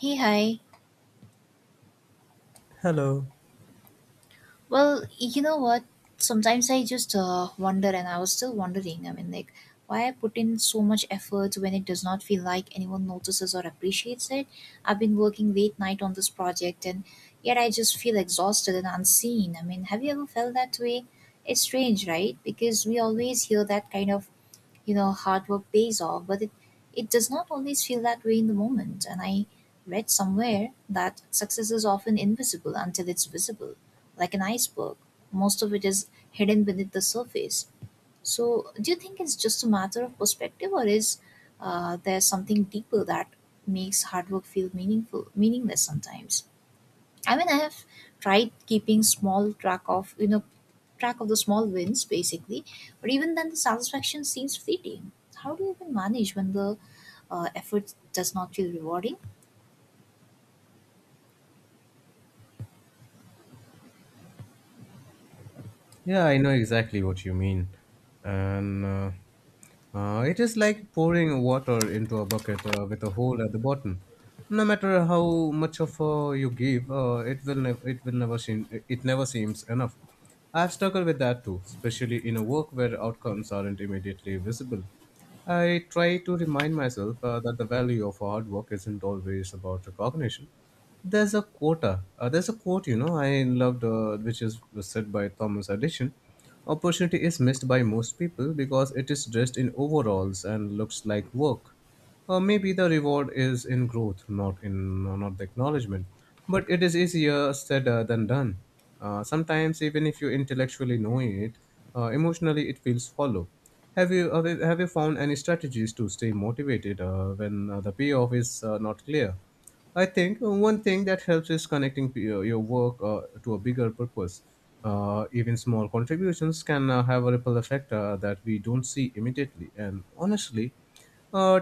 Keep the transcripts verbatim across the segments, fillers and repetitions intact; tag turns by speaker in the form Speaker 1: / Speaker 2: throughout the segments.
Speaker 1: Hey, hi.
Speaker 2: Hello.
Speaker 1: Well, you know what? Sometimes I just uh, wonder, and I was still wondering. I mean, like, why I put in so much effort when it does not feel like anyone notices or appreciates it. I've been working late night on this project, and yet I just feel exhausted and unseen. I mean, have you ever felt that way? It's strange, right? Because we always hear that kind of, you know hard work pays off, but it it does not always feel that way in the moment. And I read somewhere that success is often invisible until it's visible, like an iceberg. Most of it is hidden beneath the surface. So do you think it's just a matter of perspective, or is uh, there something deeper that makes hard work feel meaningful meaningless sometimes? I mean, I have tried keeping small track of you know track of the small wins, basically. But even then the satisfaction seems fleeting. How do you even manage when the uh, effort does not feel rewarding?
Speaker 2: Yeah, I know exactly what you mean. And uh, uh, It is like pouring water into a bucket uh, with a hole at the bottom. No matter how much of uh, you give, uh, it will nev- it will never seem it never seems Enough. I've struggled with that too, especially in a work where outcomes aren't immediately visible. I try to remind myself uh, that the value of hard work isn't always about recognition. There's a quota. Uh, there's a quote, you know, I loved, uh, which is said by Thomas Edison. Opportunity is missed by most people because it is dressed in overalls and looks like work. Uh, maybe the reward is in growth, not in no, not the acknowledgement. But it is easier said uh, than done. Uh, sometimes, even if you intellectually know it, uh, emotionally it feels hollow. Have you have you have you found any strategies to stay motivated uh, when uh, the payoff is uh, not clear? I think one thing that helps is connecting p- uh, your work uh, to a bigger purpose. Uh, even small contributions can uh, have a ripple effect uh, that we don't see immediately. And honestly, uh,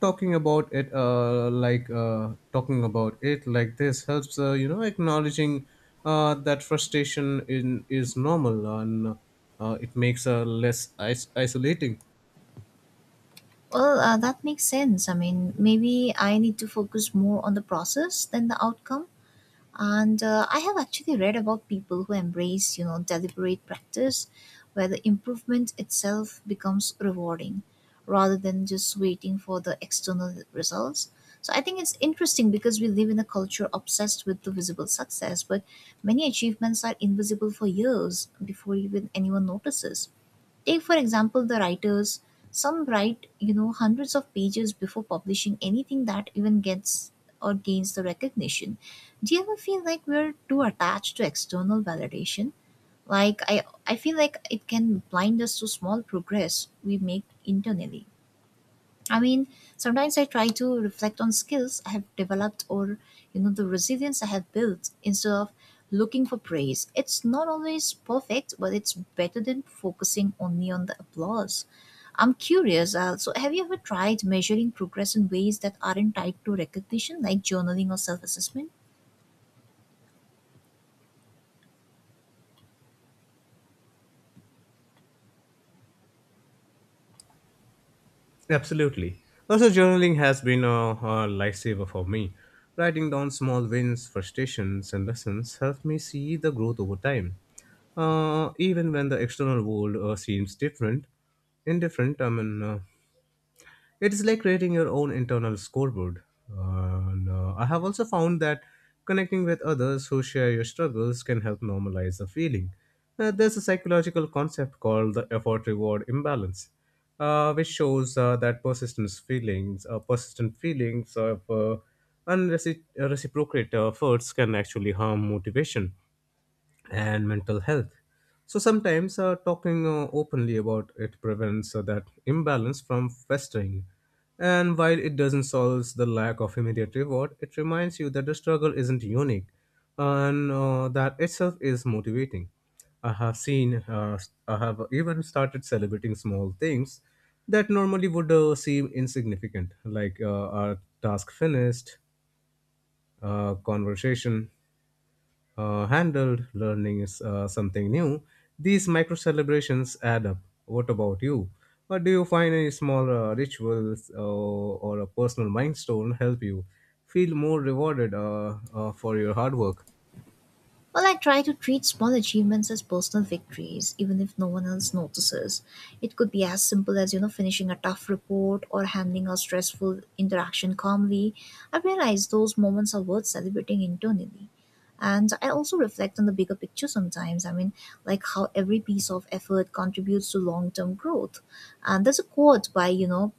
Speaker 2: talking about it uh, like uh, talking about it like this helps, uh, you know, acknowledging uh, that frustration in is normal, and uh, it makes uh, less is- isolating.
Speaker 1: Well, uh, that makes sense. I mean, maybe I need to focus more on the process than the outcome. And uh, I have actually read about people who embrace, you know, deliberate practice, where the improvement itself becomes rewarding rather than just waiting for the external results. So I think it's interesting because we live in a culture obsessed with the visible success, but many achievements are invisible for years before even anyone notices. Take, for example, the writers. Some write, you know, hundreds of pages before publishing anything that even gets or gains the recognition. Do you ever feel like we're too attached to external validation? Like, I, I feel like it can blind us to small progress we make internally. I mean, sometimes I try to reflect on skills I have developed or, you know, the resilience I have built instead of looking for praise. It's not always perfect, but it's better than focusing only on the applause. I'm curious, uh, so have you ever tried measuring progress in ways that aren't tied to recognition, like journaling or self assessment?
Speaker 2: Absolutely. Also, journaling has been a, a lifesaver for me, writing down small wins, frustrations and lessons, helped me see the growth over time, uh, even when the external world uh, seems different, indifferent. I mean, uh, it is like creating your own internal scoreboard. And, uh, I have also found that connecting with others who share your struggles can help normalize the feeling. Uh, there's a psychological concept called the effort reward imbalance, uh, which shows uh, that persistent feelings, uh, persistent feelings of uh, unreciprocated efforts can actually harm motivation and mental health. So sometimes uh, talking uh, openly about it prevents uh, that imbalance from festering. And while it doesn't solve the lack of immediate reward, it reminds you that the struggle isn't unique, and uh, that itself is motivating. I have seen, uh, I have even started celebrating small things that normally would uh, seem insignificant, like uh, a task finished, a conversation uh, handled, learning is uh, something new. These micro celebrations add up. What about you? What do you find? Any small uh, rituals uh, or a personal milestone help you feel more rewarded uh, uh, for your hard work?
Speaker 1: Well, I try to treat small achievements as personal victories, even if no one else notices. It could be as simple as, you know, finishing a tough report or handling a stressful interaction calmly. I realize those moments are worth celebrating internally. And I also reflect on the bigger picture sometimes. I mean, like how every piece of effort contributes to long term growth. And there's a quote by, you know,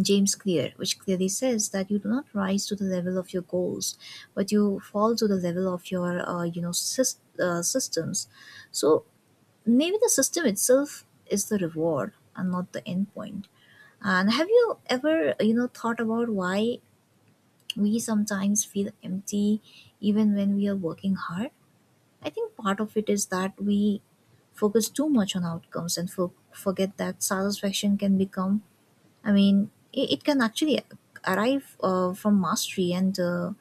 Speaker 1: James Clear, which clearly says that you do not rise to the level of your goals, but you fall to the level of your, uh, you know, sys- uh, systems. So maybe the system itself is the reward and not the end point. And have you ever, you know, thought about why we sometimes feel empty even when we are working hard? I think part of it is that we focus too much on outcomes and for- forget that satisfaction can become, I mean, it, it can actually arrive uh, from mastery and uh,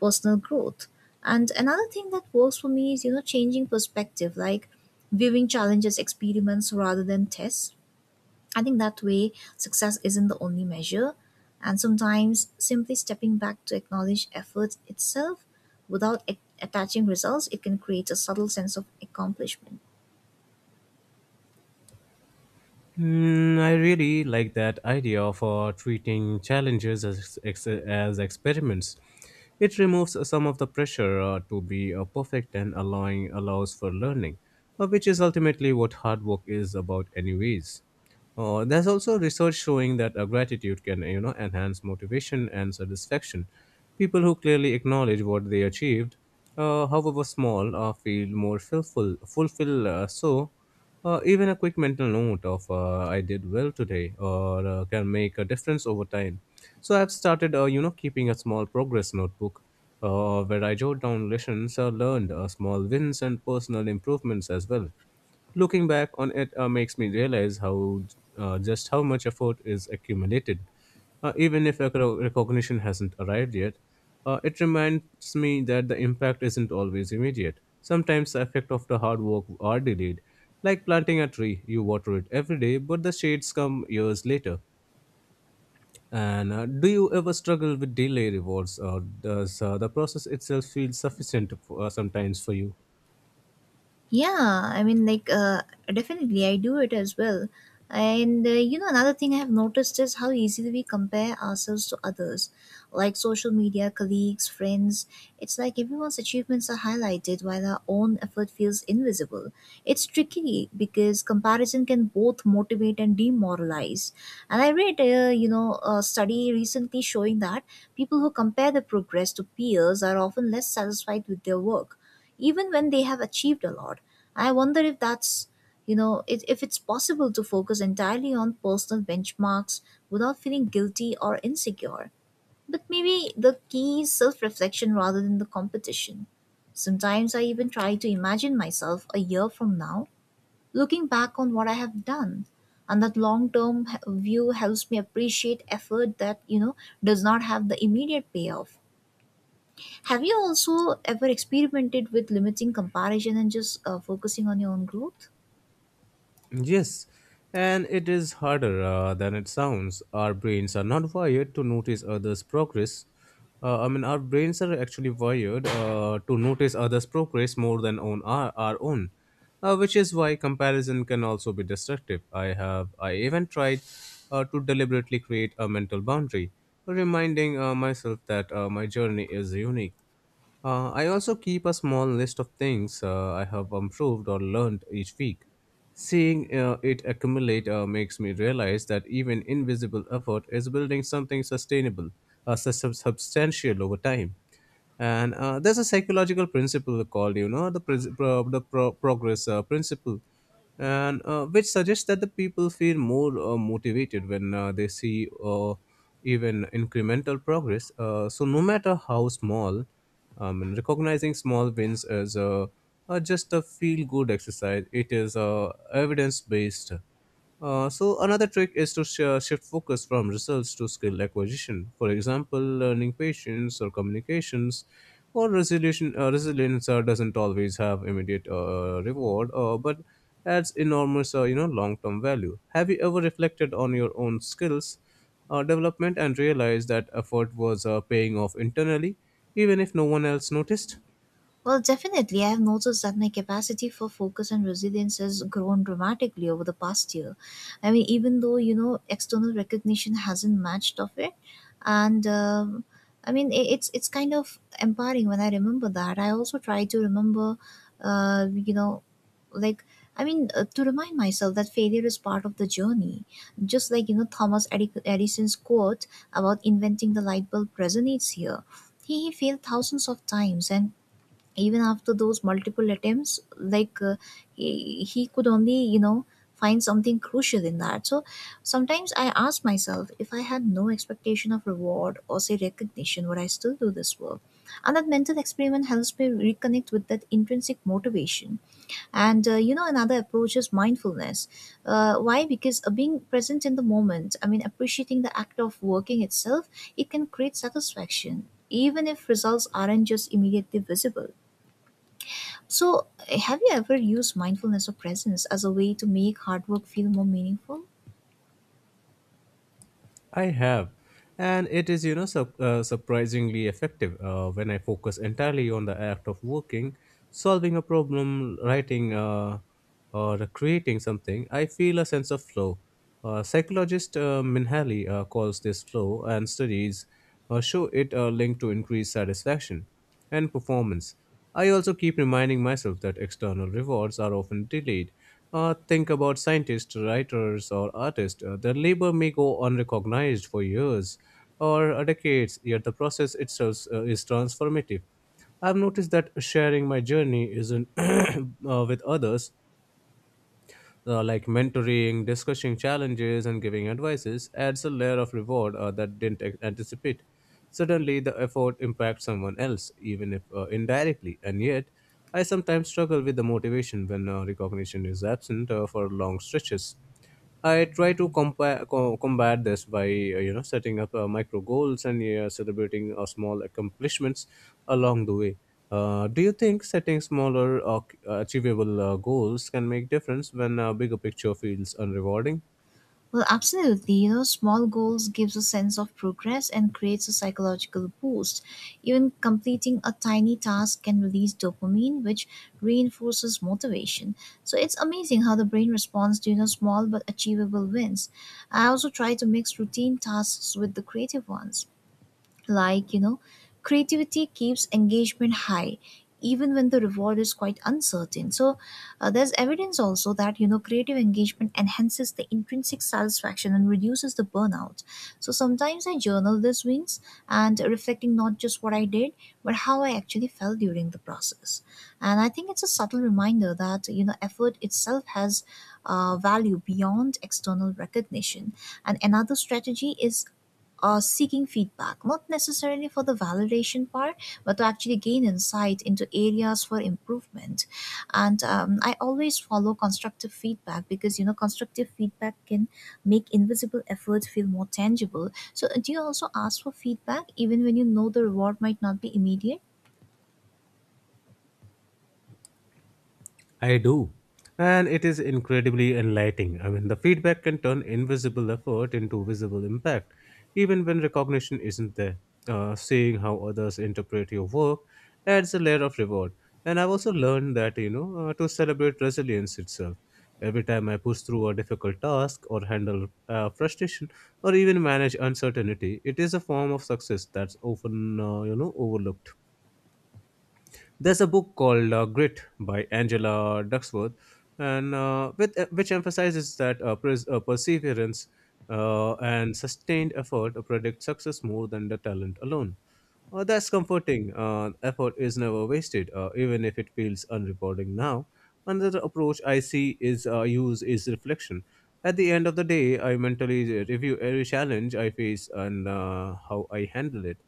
Speaker 1: personal growth. And another thing that works for me is, you know, changing perspective, like viewing challenges, experiments rather than tests. I think that way success isn't the only measure. And sometimes simply stepping back to acknowledge effort itself without a- attaching results, it can create a subtle sense of accomplishment.
Speaker 2: Hmm, I really like that idea for treating challenges as, ex- as experiments. It removes some of the pressure uh, to be uh, perfect and allowing allows for learning, uh, which is ultimately what hard work is about, anyways. Uh, there's also research showing that uh, gratitude can, you know, enhance motivation and satisfaction. People who clearly acknowledge what they achieved, uh, however small, uh, feel more fulfill, fulfill uh, so. Uh, even a quick mental note of uh, I did well today or uh, can make a difference over time. So I've started, uh, you know, keeping a small progress notebook uh, where I jot down lessons uh, learned, uh, small wins, and personal improvements as well. Looking back on it uh, makes me realize how uh, just how much effort is accumulated. Uh, even if recog- recognition hasn't arrived yet, uh, it reminds me that the impact isn't always immediate. Sometimes the effect of the hard work are delayed. Like planting a tree, you water it every day, but the shades come years later. And uh, do you ever struggle with delay rewards, or does uh, the process itself feel sufficient for, uh, sometimes for you?
Speaker 1: Yeah, I mean, like, uh, definitely, I do it as well. And uh, you know, another thing I have noticed is how easily we compare ourselves to others, like social media, colleagues, friends. It's like everyone's achievements are highlighted while our own effort feels invisible. It's tricky because comparison can both motivate and demoralize. And I read, uh, you know, a study recently showing that people who compare their progress to peers are often less satisfied with their work, even when they have achieved a lot. I wonder if that's, you know, if, if it's possible to focus entirely on personal benchmarks without feeling guilty or insecure. But maybe the key is self reflection rather than the competition. Sometimes I even try to imagine myself a year from now looking back on what I have done. And that long term view helps me appreciate effort that, you know, does not have the immediate payoff. Have you also ever experimented with limiting comparison and just uh, focusing on your own growth?
Speaker 2: Yes, and it is harder uh, than it sounds. Our brains are not wired to notice others' progress. Uh, I mean, our brains are actually wired uh, to notice others' progress more than on our, our own, uh, which is why comparison can also be destructive. I have, I even tried uh, to deliberately create a mental boundary, reminding uh, myself that uh, my journey is unique. Uh, I also keep a small list of things uh, I have improved or learned each week. Seeing uh, it accumulate uh, makes me realize that even invisible effort is building something sustainable, uh, sus- sub- substantial over time. And uh, there's a psychological principle called, you know, the, pres- pro- the pro- progress uh, principle, and uh, which suggests that the people feel more uh, motivated when uh, they see uh, even incremental progress. Uh, so no matter how small. Um, and recognizing small wins as a, uh, just a feel good exercise, it is uh, evidence based. Uh, so another trick is to sh- shift focus from results to skill acquisition. For example, learning patience or communications, or resolution uh, resilience uh, doesn't always have immediate uh, reward, uh, but adds enormous, uh, you know, long term value. Have you ever reflected on your own skills uh, development and realized that effort was uh, paying off internally, even if no one else noticed?
Speaker 1: Well, definitely. I have noticed that my capacity for focus and resilience has grown dramatically over the past year. I mean, even though, you know, external recognition hasn't matched of it. And um, I mean, i it's, it's kind of empowering when I remember that. I also try to remember, uh, you know, like, I mean, uh, to remind myself that failure is part of the journey. Just like, you know, Thomas Edi- Edison's quote about inventing the light bulb resonates here. He, he failed thousands of times, and even after those multiple attempts, like uh, he, he could only, you know, find something crucial in that. So sometimes I ask myself, if I had no expectation of reward or say recognition, would I still do this work? And that mental experiment helps me reconnect with that intrinsic motivation. And uh, you know, another approach is mindfulness. Uh, why because uh, being present in the moment, I mean appreciating the act of working itself, it can create satisfaction even if results aren't just immediately visible. So, have you ever used mindfulness or presence as a way to make hard work feel more meaningful?
Speaker 2: I have. And it is, you know, sup- uh, surprisingly effective uh, when I focus entirely on the act of working, solving a problem, writing, uh, or creating something. I feel a sense of flow. Uh, psychologist uh, Minhali uh, calls this flow, and studies uh, show it uh, linked to increased satisfaction and performance. I also keep reminding myself that external rewards are often delayed. Uh, think about scientists, writers, or artists. Uh, their labor may go unrecognized for years or uh, decades, yet the process itself uh, is transformative. I've noticed that sharing my journey isn't uh, with others, uh, like mentoring, discussing challenges, and giving advices, adds a layer of reward uh, that didn't a- anticipate. Suddenly, the effort impacts someone else, even if uh, indirectly. And yet, I sometimes struggle with the motivation when uh, recognition is absent uh, for long stretches. I try to compare, co- combat this by, uh, you know, setting up uh, micro goals and uh, celebrating uh, small accomplishments along the way. Uh, do you think setting smaller, uh, achievable uh, goals can make difference when a bigger picture feels unrewarding?
Speaker 1: Well, absolutely. You know, small goals gives a sense of progress and creates a psychological boost. Even completing a tiny task can release dopamine, which reinforces motivation. So it's amazing how the brain responds to, you know, small but achievable wins. I also try to mix routine tasks with the creative ones. Like, you know, creativity keeps engagement high even when the reward is quite uncertain. So, uh, there's evidence also that, you know, creative engagement enhances the intrinsic satisfaction and reduces the burnout. So, sometimes I journal these wins and reflecting not just what I did, but how I actually felt during the process. And I think it's a subtle reminder that, you know, effort itself has uh, value beyond external recognition. And another strategy is uh, seeking feedback, not necessarily for the validation part, but to actually gain insight into areas for improvement. And um, I always follow constructive feedback, because you know constructive feedback can make invisible effort feel more tangible. So, do you also ask for feedback even when you know the reward might not be immediate?
Speaker 2: I do. And it is incredibly enlightening. I mean, the feedback can turn invisible effort into visible impact, even when recognition isn't there. Uh, seeing how others interpret your work adds a layer of reward. And I've also learned that, you know, uh, to celebrate resilience itself. Every time I push through a difficult task or handle uh, frustration or even manage uncertainty, it is a form of success that's often, uh, you know, overlooked. There's a book called uh, Grit by Angela Duckworth, and uh, with, uh, which emphasizes that, uh, pers- uh, perseverance uh, and sustained effort predict success more than the talent alone. Uh, that's comforting. Uh, effort is never wasted, uh, even if it feels unrewarding now. Another approach I see is uh, use is reflection. At the end of the day, I mentally review every challenge I face and uh, how I handle it.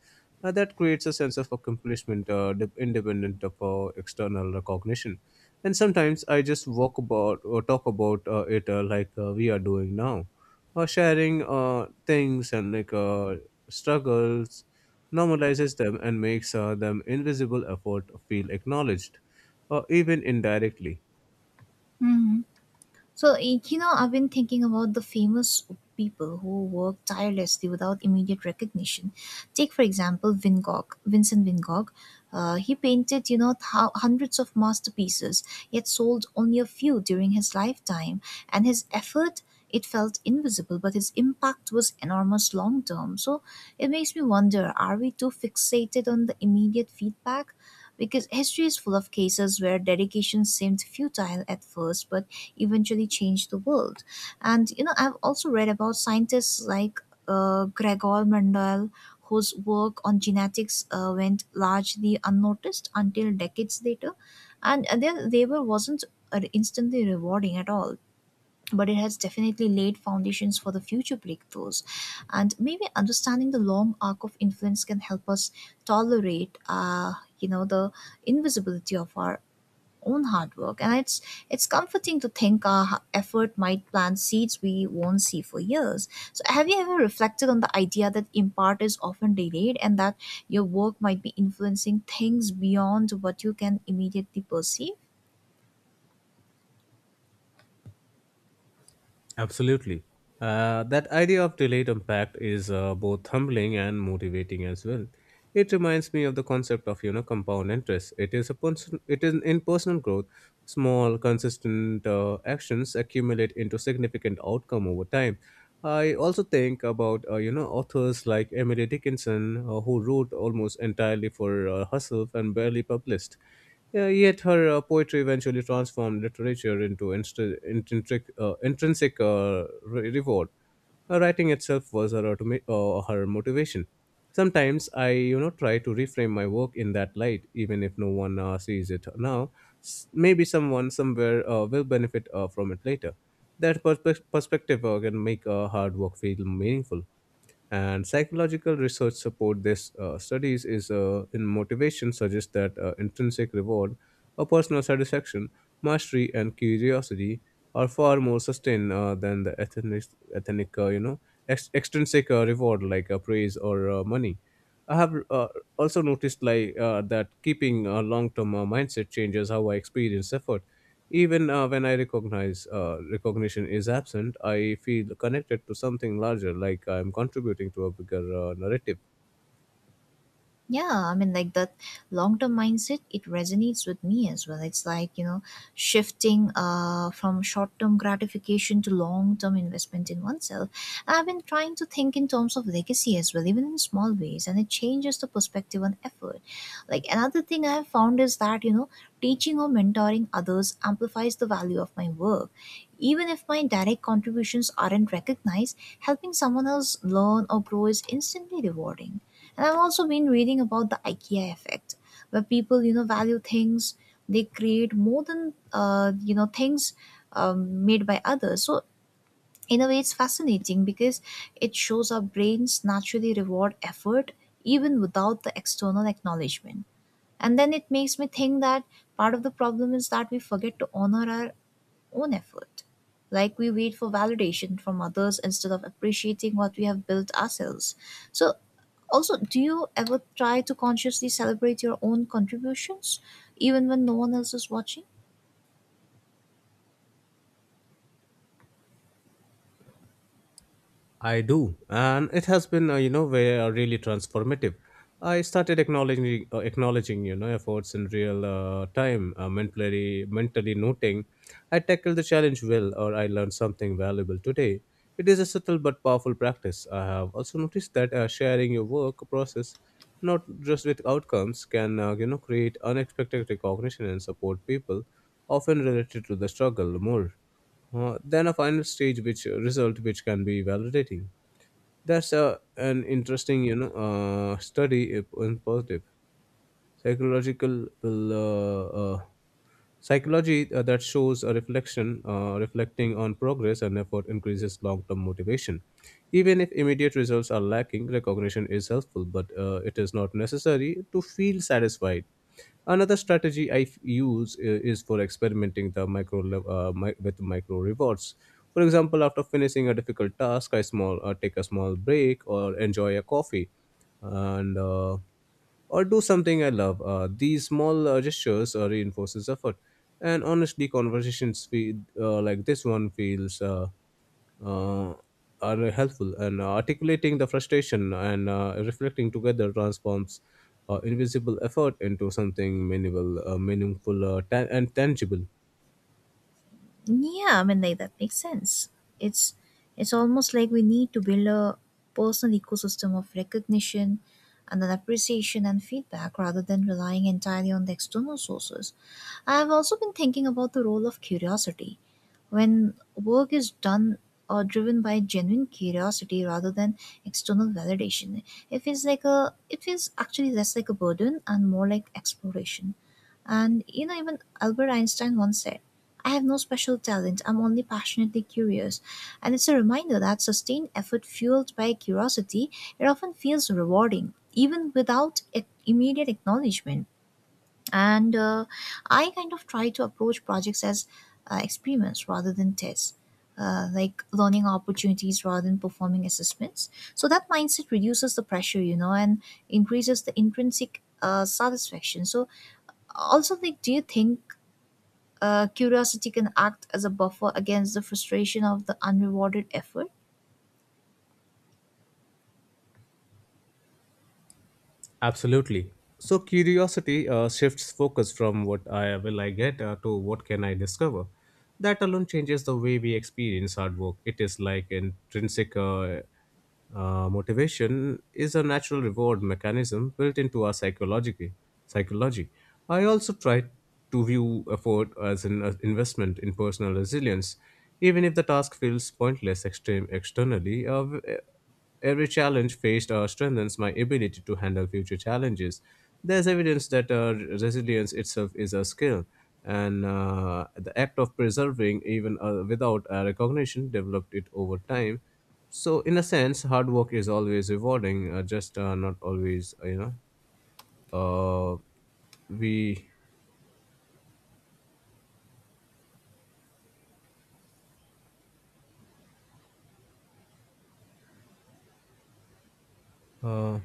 Speaker 2: Uh, that creates a sense of accomplishment, uh, de- independent of uh, external recognition. And sometimes I just walk about or talk about uh, it, uh, like uh, we are doing now, uh, sharing uh, things and like uh, struggles, normalizes them and makes uh, them invisible effort feel acknowledged, uh, even indirectly.
Speaker 1: So, y- you know, I've been thinking about the famous people who work tirelessly without immediate recognition. Take, for example, Van Gogh, Vincent Van Gogh. Uh, he painted, you know, thou- hundreds of masterpieces, yet sold only a few during his lifetime. And his effort, it felt invisible, but his impact was enormous long term. So it makes me wonder, are we too fixated on the immediate feedback? Because history is full of cases where dedication seemed futile at first, but eventually change the world. And you know, I've also read about scientists like uh, Gregor Mendel, whose work on genetics uh, went largely unnoticed until decades later, and their labor wasn't uh, instantly rewarding at all. But it has definitely laid foundations for the future breakthroughs. And maybe understanding the long arc of influence can help us tolerate, uh, you know, the invisibility of our own hard work. And it's it's comforting to think our h- effort might plant seeds we won't see for years. So have you ever reflected on the idea that impart is often delayed, and that your work might be influencing things beyond what you can immediately perceive?
Speaker 2: Absolutely. Uh, that idea of delayed impact is, uh, both humbling and motivating as well. It reminds me of the concept of, you know, compound interest. It is a person, it is in personal growth. Small, consistent uh, actions accumulate into significant outcome over time. I also think about, uh, you know, authors like Emily Dickinson, uh, who wrote almost entirely for uh, herself and barely published. Yeah, yet her uh, poetry eventually transformed literature into instr intrinsic, uh, intrinsic uh, re- reward. Her writing itself was her, automa- uh, her motivation. Sometimes I, you know, try to reframe my work in that light, even if no one uh, sees it now. S- Maybe someone somewhere uh, will benefit uh, from it later. That perspe- perspective uh, can make uh, hard work feel meaningful. And psychological research support this, uh, studies is, uh, in motivation suggests that uh, intrinsic reward, a personal satisfaction, mastery, and curiosity are far more sustained uh, than the ethnic, ethnic uh, you know, ex- extrinsic uh, reward, like uh, praise or uh, money. I have uh, also noticed, like uh, that keeping a long-term uh, mindset changes how I experience effort. Even uh, when I recognize uh, recognition is absent, I feel connected to something larger, like I'm contributing to a bigger uh, narrative.
Speaker 1: Yeah, I mean, like that long term mindset, it resonates with me as well. It's like, you know, shifting uh, from short term gratification to long term investment in oneself. I've been trying to think in terms of legacy as well, even in small ways, and it changes the perspective on effort. Like, another thing I've found is that, you know, teaching or mentoring others amplifies the value of my work. Even if my direct contributions aren't recognized, helping someone else learn or grow is instantly rewarding. And I've also been reading about the IKEA effect, where people, you know, value things they create more than, uh, you know, things um, made by others. So in a way, it's fascinating because it shows our brains naturally reward effort even without the external acknowledgement. And then it makes me think that part of the problem is that we forget to honor our own effort. Like we wait for validation from others instead of appreciating what we have built ourselves. So, also, do you ever try to consciously celebrate your own contributions even when no one else is watching?
Speaker 2: I do, and it has been, uh, you know, very, uh, really transformative. I started acknowledging, uh, acknowledging, you know, efforts in real uh, time, uh, mentally, mentally noting, I tackled the challenge well, or I learned something valuable today. It is a subtle but powerful practice. I have also noticed that uh, sharing your work process, not just with outcomes, can, uh, you know, create unexpected recognition and support people, often related to the struggle more uh, then a final stage which uh, result which can be validating. That's a an interesting, you know uh, study if in positive psychological will uh, uh, psychology uh, that shows a reflection uh, reflecting on progress and effort increases long-term motivation, even if immediate results are lacking. Recognition is helpful, but uh, it is not necessary to feel satisfied. Another strategy i f- use uh, is for experimenting the micro lev- uh, mi- with micro rewards. For example, after finishing a difficult task, I small uh, take a small break or enjoy a coffee and uh, or do something I love. Uh, these small uh, gestures uh, reinforces effort, and honestly, conversations feel, uh, like this one feels uh, uh, are helpful. And uh, articulating the frustration and uh, reflecting together transforms uh, invisible effort into something meaningful, uh, meaningful uh, ta- and tangible.
Speaker 1: Yeah, I mean like that makes sense. It's it's almost like we need to build a personal ecosystem of recognition and then appreciation and feedback rather than relying entirely on the external sources. I've also been thinking about the role of curiosity. When work is done or driven by genuine curiosity rather than external validation, it feels like a it feels actually less like a burden and more like exploration. And you know, even Albert Einstein once said, "I have no special talent, I'm only passionately curious." And it's a reminder that sustained effort fueled by curiosity, it often feels rewarding, even without ac- immediate acknowledgement. And uh, I kind of try to approach projects as uh, experiments rather than tests. Uh, like learning opportunities rather than performing assessments. So that mindset reduces the pressure, you know, and increases the intrinsic uh, satisfaction. So, also, like, do you think uh, curiosity can act as a buffer against the frustration of the unrewarded effort?
Speaker 2: Absolutely. So curiosity uh, shifts focus from what I will I get uh, to what can I discover. That alone changes the way we experience hard work. It is like intrinsic uh, uh, motivation is a natural reward mechanism built into our psychology. Psychology. I also try to view effort as an uh, investment in personal resilience, even if the task feels pointless extreme externally. Uh, Every challenge faced uh, strengthens my ability to handle future challenges. There's evidence that uh, resilience itself is a skill, and uh, the act of preserving, even uh, without uh, recognition, developed it over time. So, in a sense, hard work is always rewarding, uh, just uh, not always, uh, you know. Uh, we uh,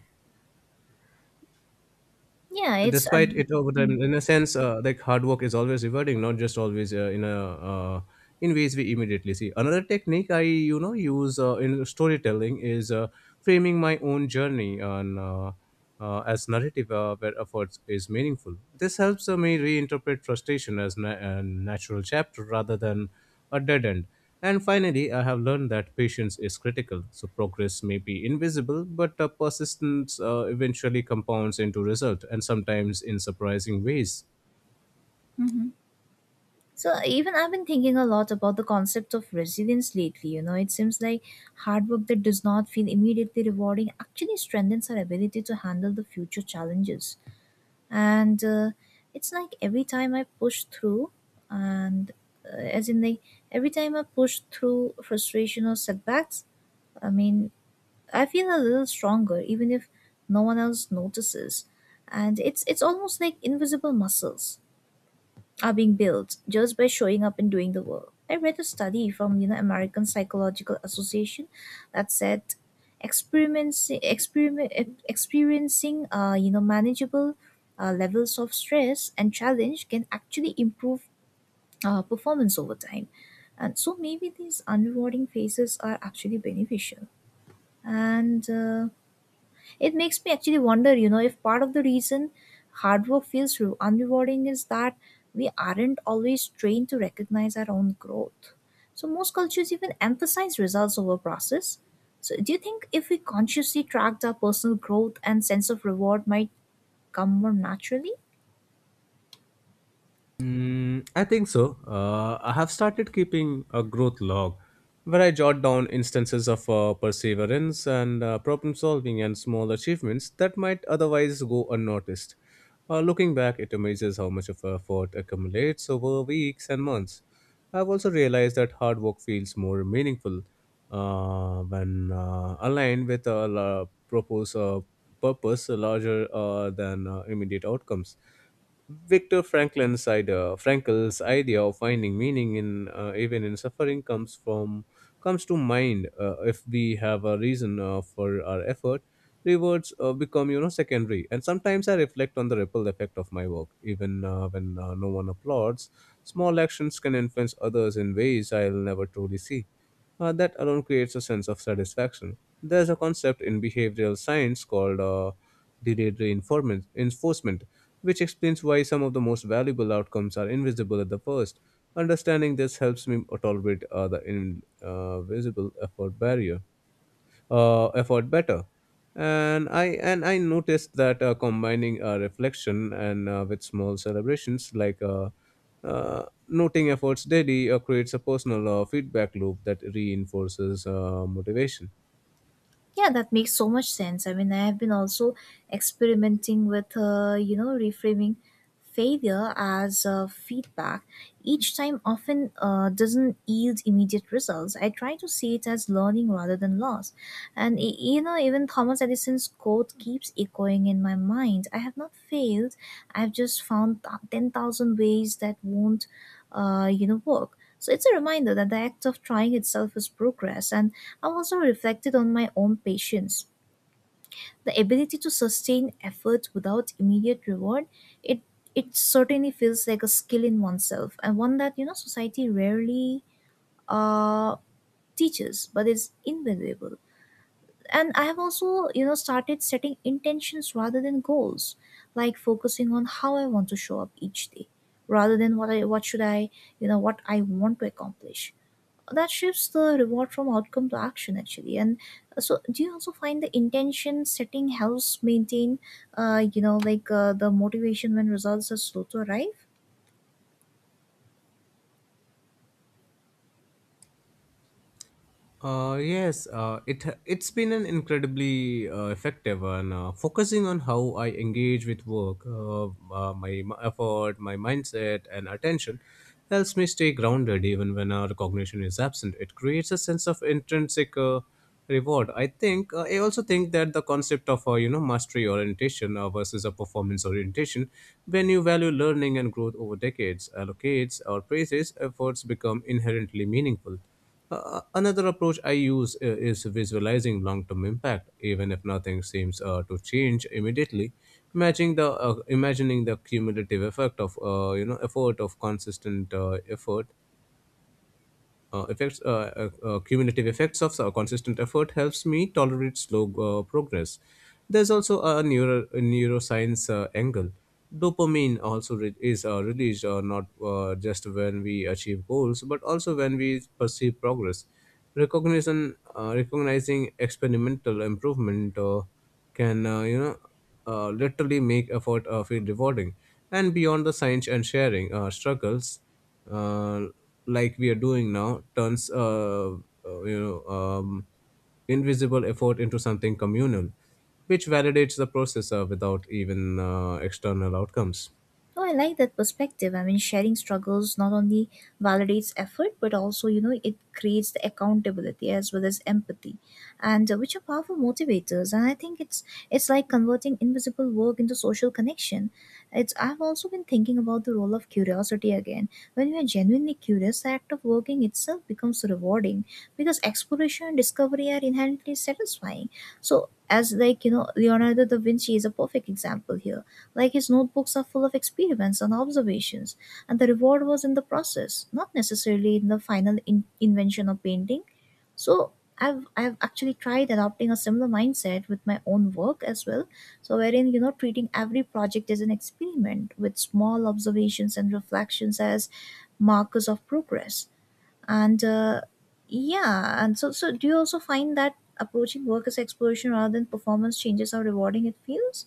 Speaker 1: Yeah, it's.
Speaker 2: despite
Speaker 1: Um,
Speaker 2: it over
Speaker 1: hmm.
Speaker 2: time. In a sense, uh, like hard work is always rewarding, not just always uh, in a uh, in ways we immediately see. Another technique i you know use uh, in storytelling is uh, framing my own journey on uh, uh, as narrative uh, where effort is meaningful. This helps uh, me reinterpret frustration as na- a natural chapter rather than a dead end. And finally, I have learned that patience is critical. So progress may be invisible, but uh, persistence uh, eventually compounds into result, and sometimes in surprising ways.
Speaker 1: So even I've been thinking a lot about the concept of resilience lately. You know, it seems like hard work that does not feel immediately rewarding actually strengthens our ability to handle the future challenges. And uh, it's like every time I push through, and uh, as in like every time I push through frustration or setbacks, I mean, I feel a little stronger even if no one else notices. And it's it's almost like invisible muscles are being built just by showing up and doing the work. I read a study from, you know, American Psychological Association that said experiencing experiment experiencing, uh, you know manageable uh, levels of stress and challenge can actually improve uh, performance over time. And so maybe these unrewarding phases are actually beneficial. And uh, it makes me actually wonder, you know, if part of the reason hard work feels re- unrewarding is that we aren't always trained to recognize our own growth. So most cultures even emphasize results over process. So do you think if we consciously tracked our personal growth and sense of reward might come more naturally?
Speaker 2: Mm, I think so. Uh, I have started keeping a growth log where I jot down instances of uh, perseverance and uh, problem solving and small achievements that might otherwise go unnoticed. Uh, looking back, it amazes how much of effort accumulates over weeks and months. I've also realized that hard work feels more meaningful uh, when uh, aligned with a la- purpose, uh, purpose larger uh, than uh, immediate outcomes. Victor Franklin's idea, Frankl's idea of finding meaning in uh, even in suffering comes from comes to mind. Uh, if we have a reason uh, for our effort, rewards uh, become, you know, secondary. And sometimes I reflect on the ripple effect of my work, even uh, when uh, no one applauds. Small actions can influence others in ways I'll never truly see. Uh, that alone creates a sense of satisfaction. There's a concept in behavioral science called uh, delayed reinforcement, enforcement, which explains why some of the most valuable outcomes are invisible at the first. Understanding this helps me tolerate uh, the invisible effort barrier uh, effort better. And i and i noticed that uh, combining uh, reflection and uh, with small celebrations, like uh, uh, noting efforts daily uh, creates a personal uh, feedback loop that reinforces uh, motivation.
Speaker 1: Yeah, that makes so much sense. I mean, I have been also experimenting with, uh, you know, reframing failure as uh, feedback. Each time often uh, doesn't yield immediate results. I try to see it as learning rather than loss. And, y- you know, even Thomas Edison's quote keeps echoing in my mind, "I have not failed, I've just found th- ten thousand ways that won't, uh, you know, work." So it's a reminder that the act of trying itself is progress, and I also reflected on my own patience. The ability to sustain effort without immediate reward, it it certainly feels like a skill in oneself and one that, you know, society rarely uh, teaches, but is invaluable. And I have also, you know, started setting intentions rather than goals, like focusing on how I want to show up each day, rather than what I what should I you know, what I want to accomplish. That shifts the reward from outcome to action actually. And uh, so do you also find the intention setting helps maintain uh, you know like uh, the motivation when results are slow to arrive?
Speaker 2: Uh, yes, uh, it it's been an incredibly uh, effective one. Uh, focusing on how I engage with work, uh, uh, my m- effort, my mindset, and attention helps me stay grounded even when our cognition is absent. It creates a sense of intrinsic. Uh, reward. I think uh, i also think that the concept of, uh, you know mastery orientation uh, versus a performance orientation, when you value learning and growth over decades, allocates or praises efforts become inherently meaningful. Uh, uh, another approach I use uh, is visualizing long-term impact, even if nothing seems uh, to change immediately. Imagining the uh, imagining the cumulative effect of, uh, you know effort of consistent uh, effort uh, effects uh, uh, uh, cumulative effects of uh, consistent effort helps me tolerate slow uh, progress. There's also a neuro a neuroscience uh, angle. Dopamine also re- is uh, released uh, not uh, just when we achieve goals, but also when we perceive progress. Recognition uh, Recognizing experimental improvement uh, can, uh, you know uh, literally make effort uh, feel rewarding. And beyond the science, and sharing uh, struggles uh, like we are doing now, turns uh, uh, you know um, invisible effort into something communal, which validates the processor without even uh, external outcomes.
Speaker 1: Oh, I like that perspective. I mean, sharing struggles not only validates effort, but also, you know, it creates the accountability as well as empathy, and uh, which are powerful motivators. And I think it's it's like converting invisible work into social connection. It's I've also been thinking about the role of curiosity again. When we are genuinely curious, the act of working itself becomes rewarding because exploration and discovery are inherently satisfying. So, as like, you know, Leonardo da Vinci is a perfect example here, like his notebooks are full of experiments and observations, and the reward was in the process, not necessarily in the final in- invention or painting. So I've I've actually tried adopting a similar mindset with my own work as well. So wherein, you know, treating every project as an experiment with small observations and reflections as markers of progress. And uh, yeah, and so so do you also find that approaching work as exploration rather than performance changes how rewarding it feels?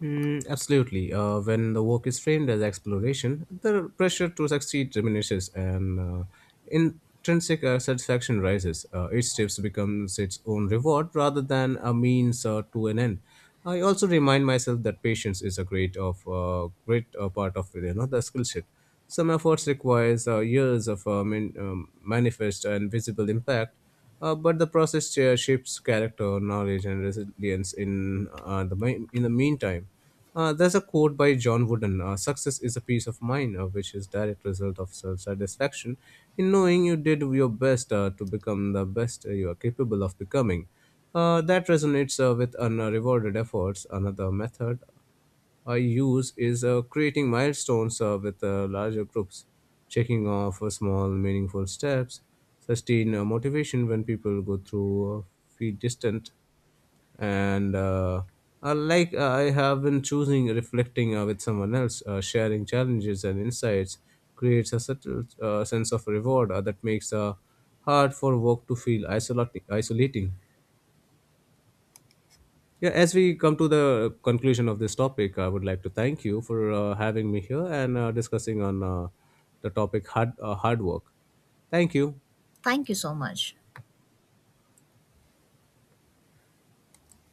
Speaker 2: Mm, absolutely. Uh, when the work is framed as exploration, the pressure to succeed diminishes and uh, intrinsic uh, satisfaction rises. Uh, each step becomes its own reward rather than a means uh, to an end. I also remind myself that patience is a great of uh, great uh, part of, you know, the skill set. Some efforts requires uh, years of uh, man- um, manifest and visible impact, uh, but the process uh, shapes character, knowledge, and resilience. In uh, the mi- in the meantime, uh, there's a quote by John Wooden: uh, "Success is a peace of mind, uh, which is direct result of self-satisfaction in knowing you did your best uh, to become the best you are capable of becoming." Uh, that resonates uh, with unrewarded efforts. Another method I use is uh, creating milestones uh, with uh, larger groups, checking off uh, small, meaningful steps, sustain uh, motivation when people go through uh, feel distant, and uh, I like uh, I have been choosing reflecting uh, with someone else, uh, sharing challenges and insights creates a subtle uh, sense of reward uh, that makes uh, hard for work to feel isolating. isolating. Yeah, as we come to the conclusion of this topic, I would like to thank you for uh, having me here and uh, discussing on uh, the topic hard uh, hard work. Thank you.
Speaker 1: Thank you so much.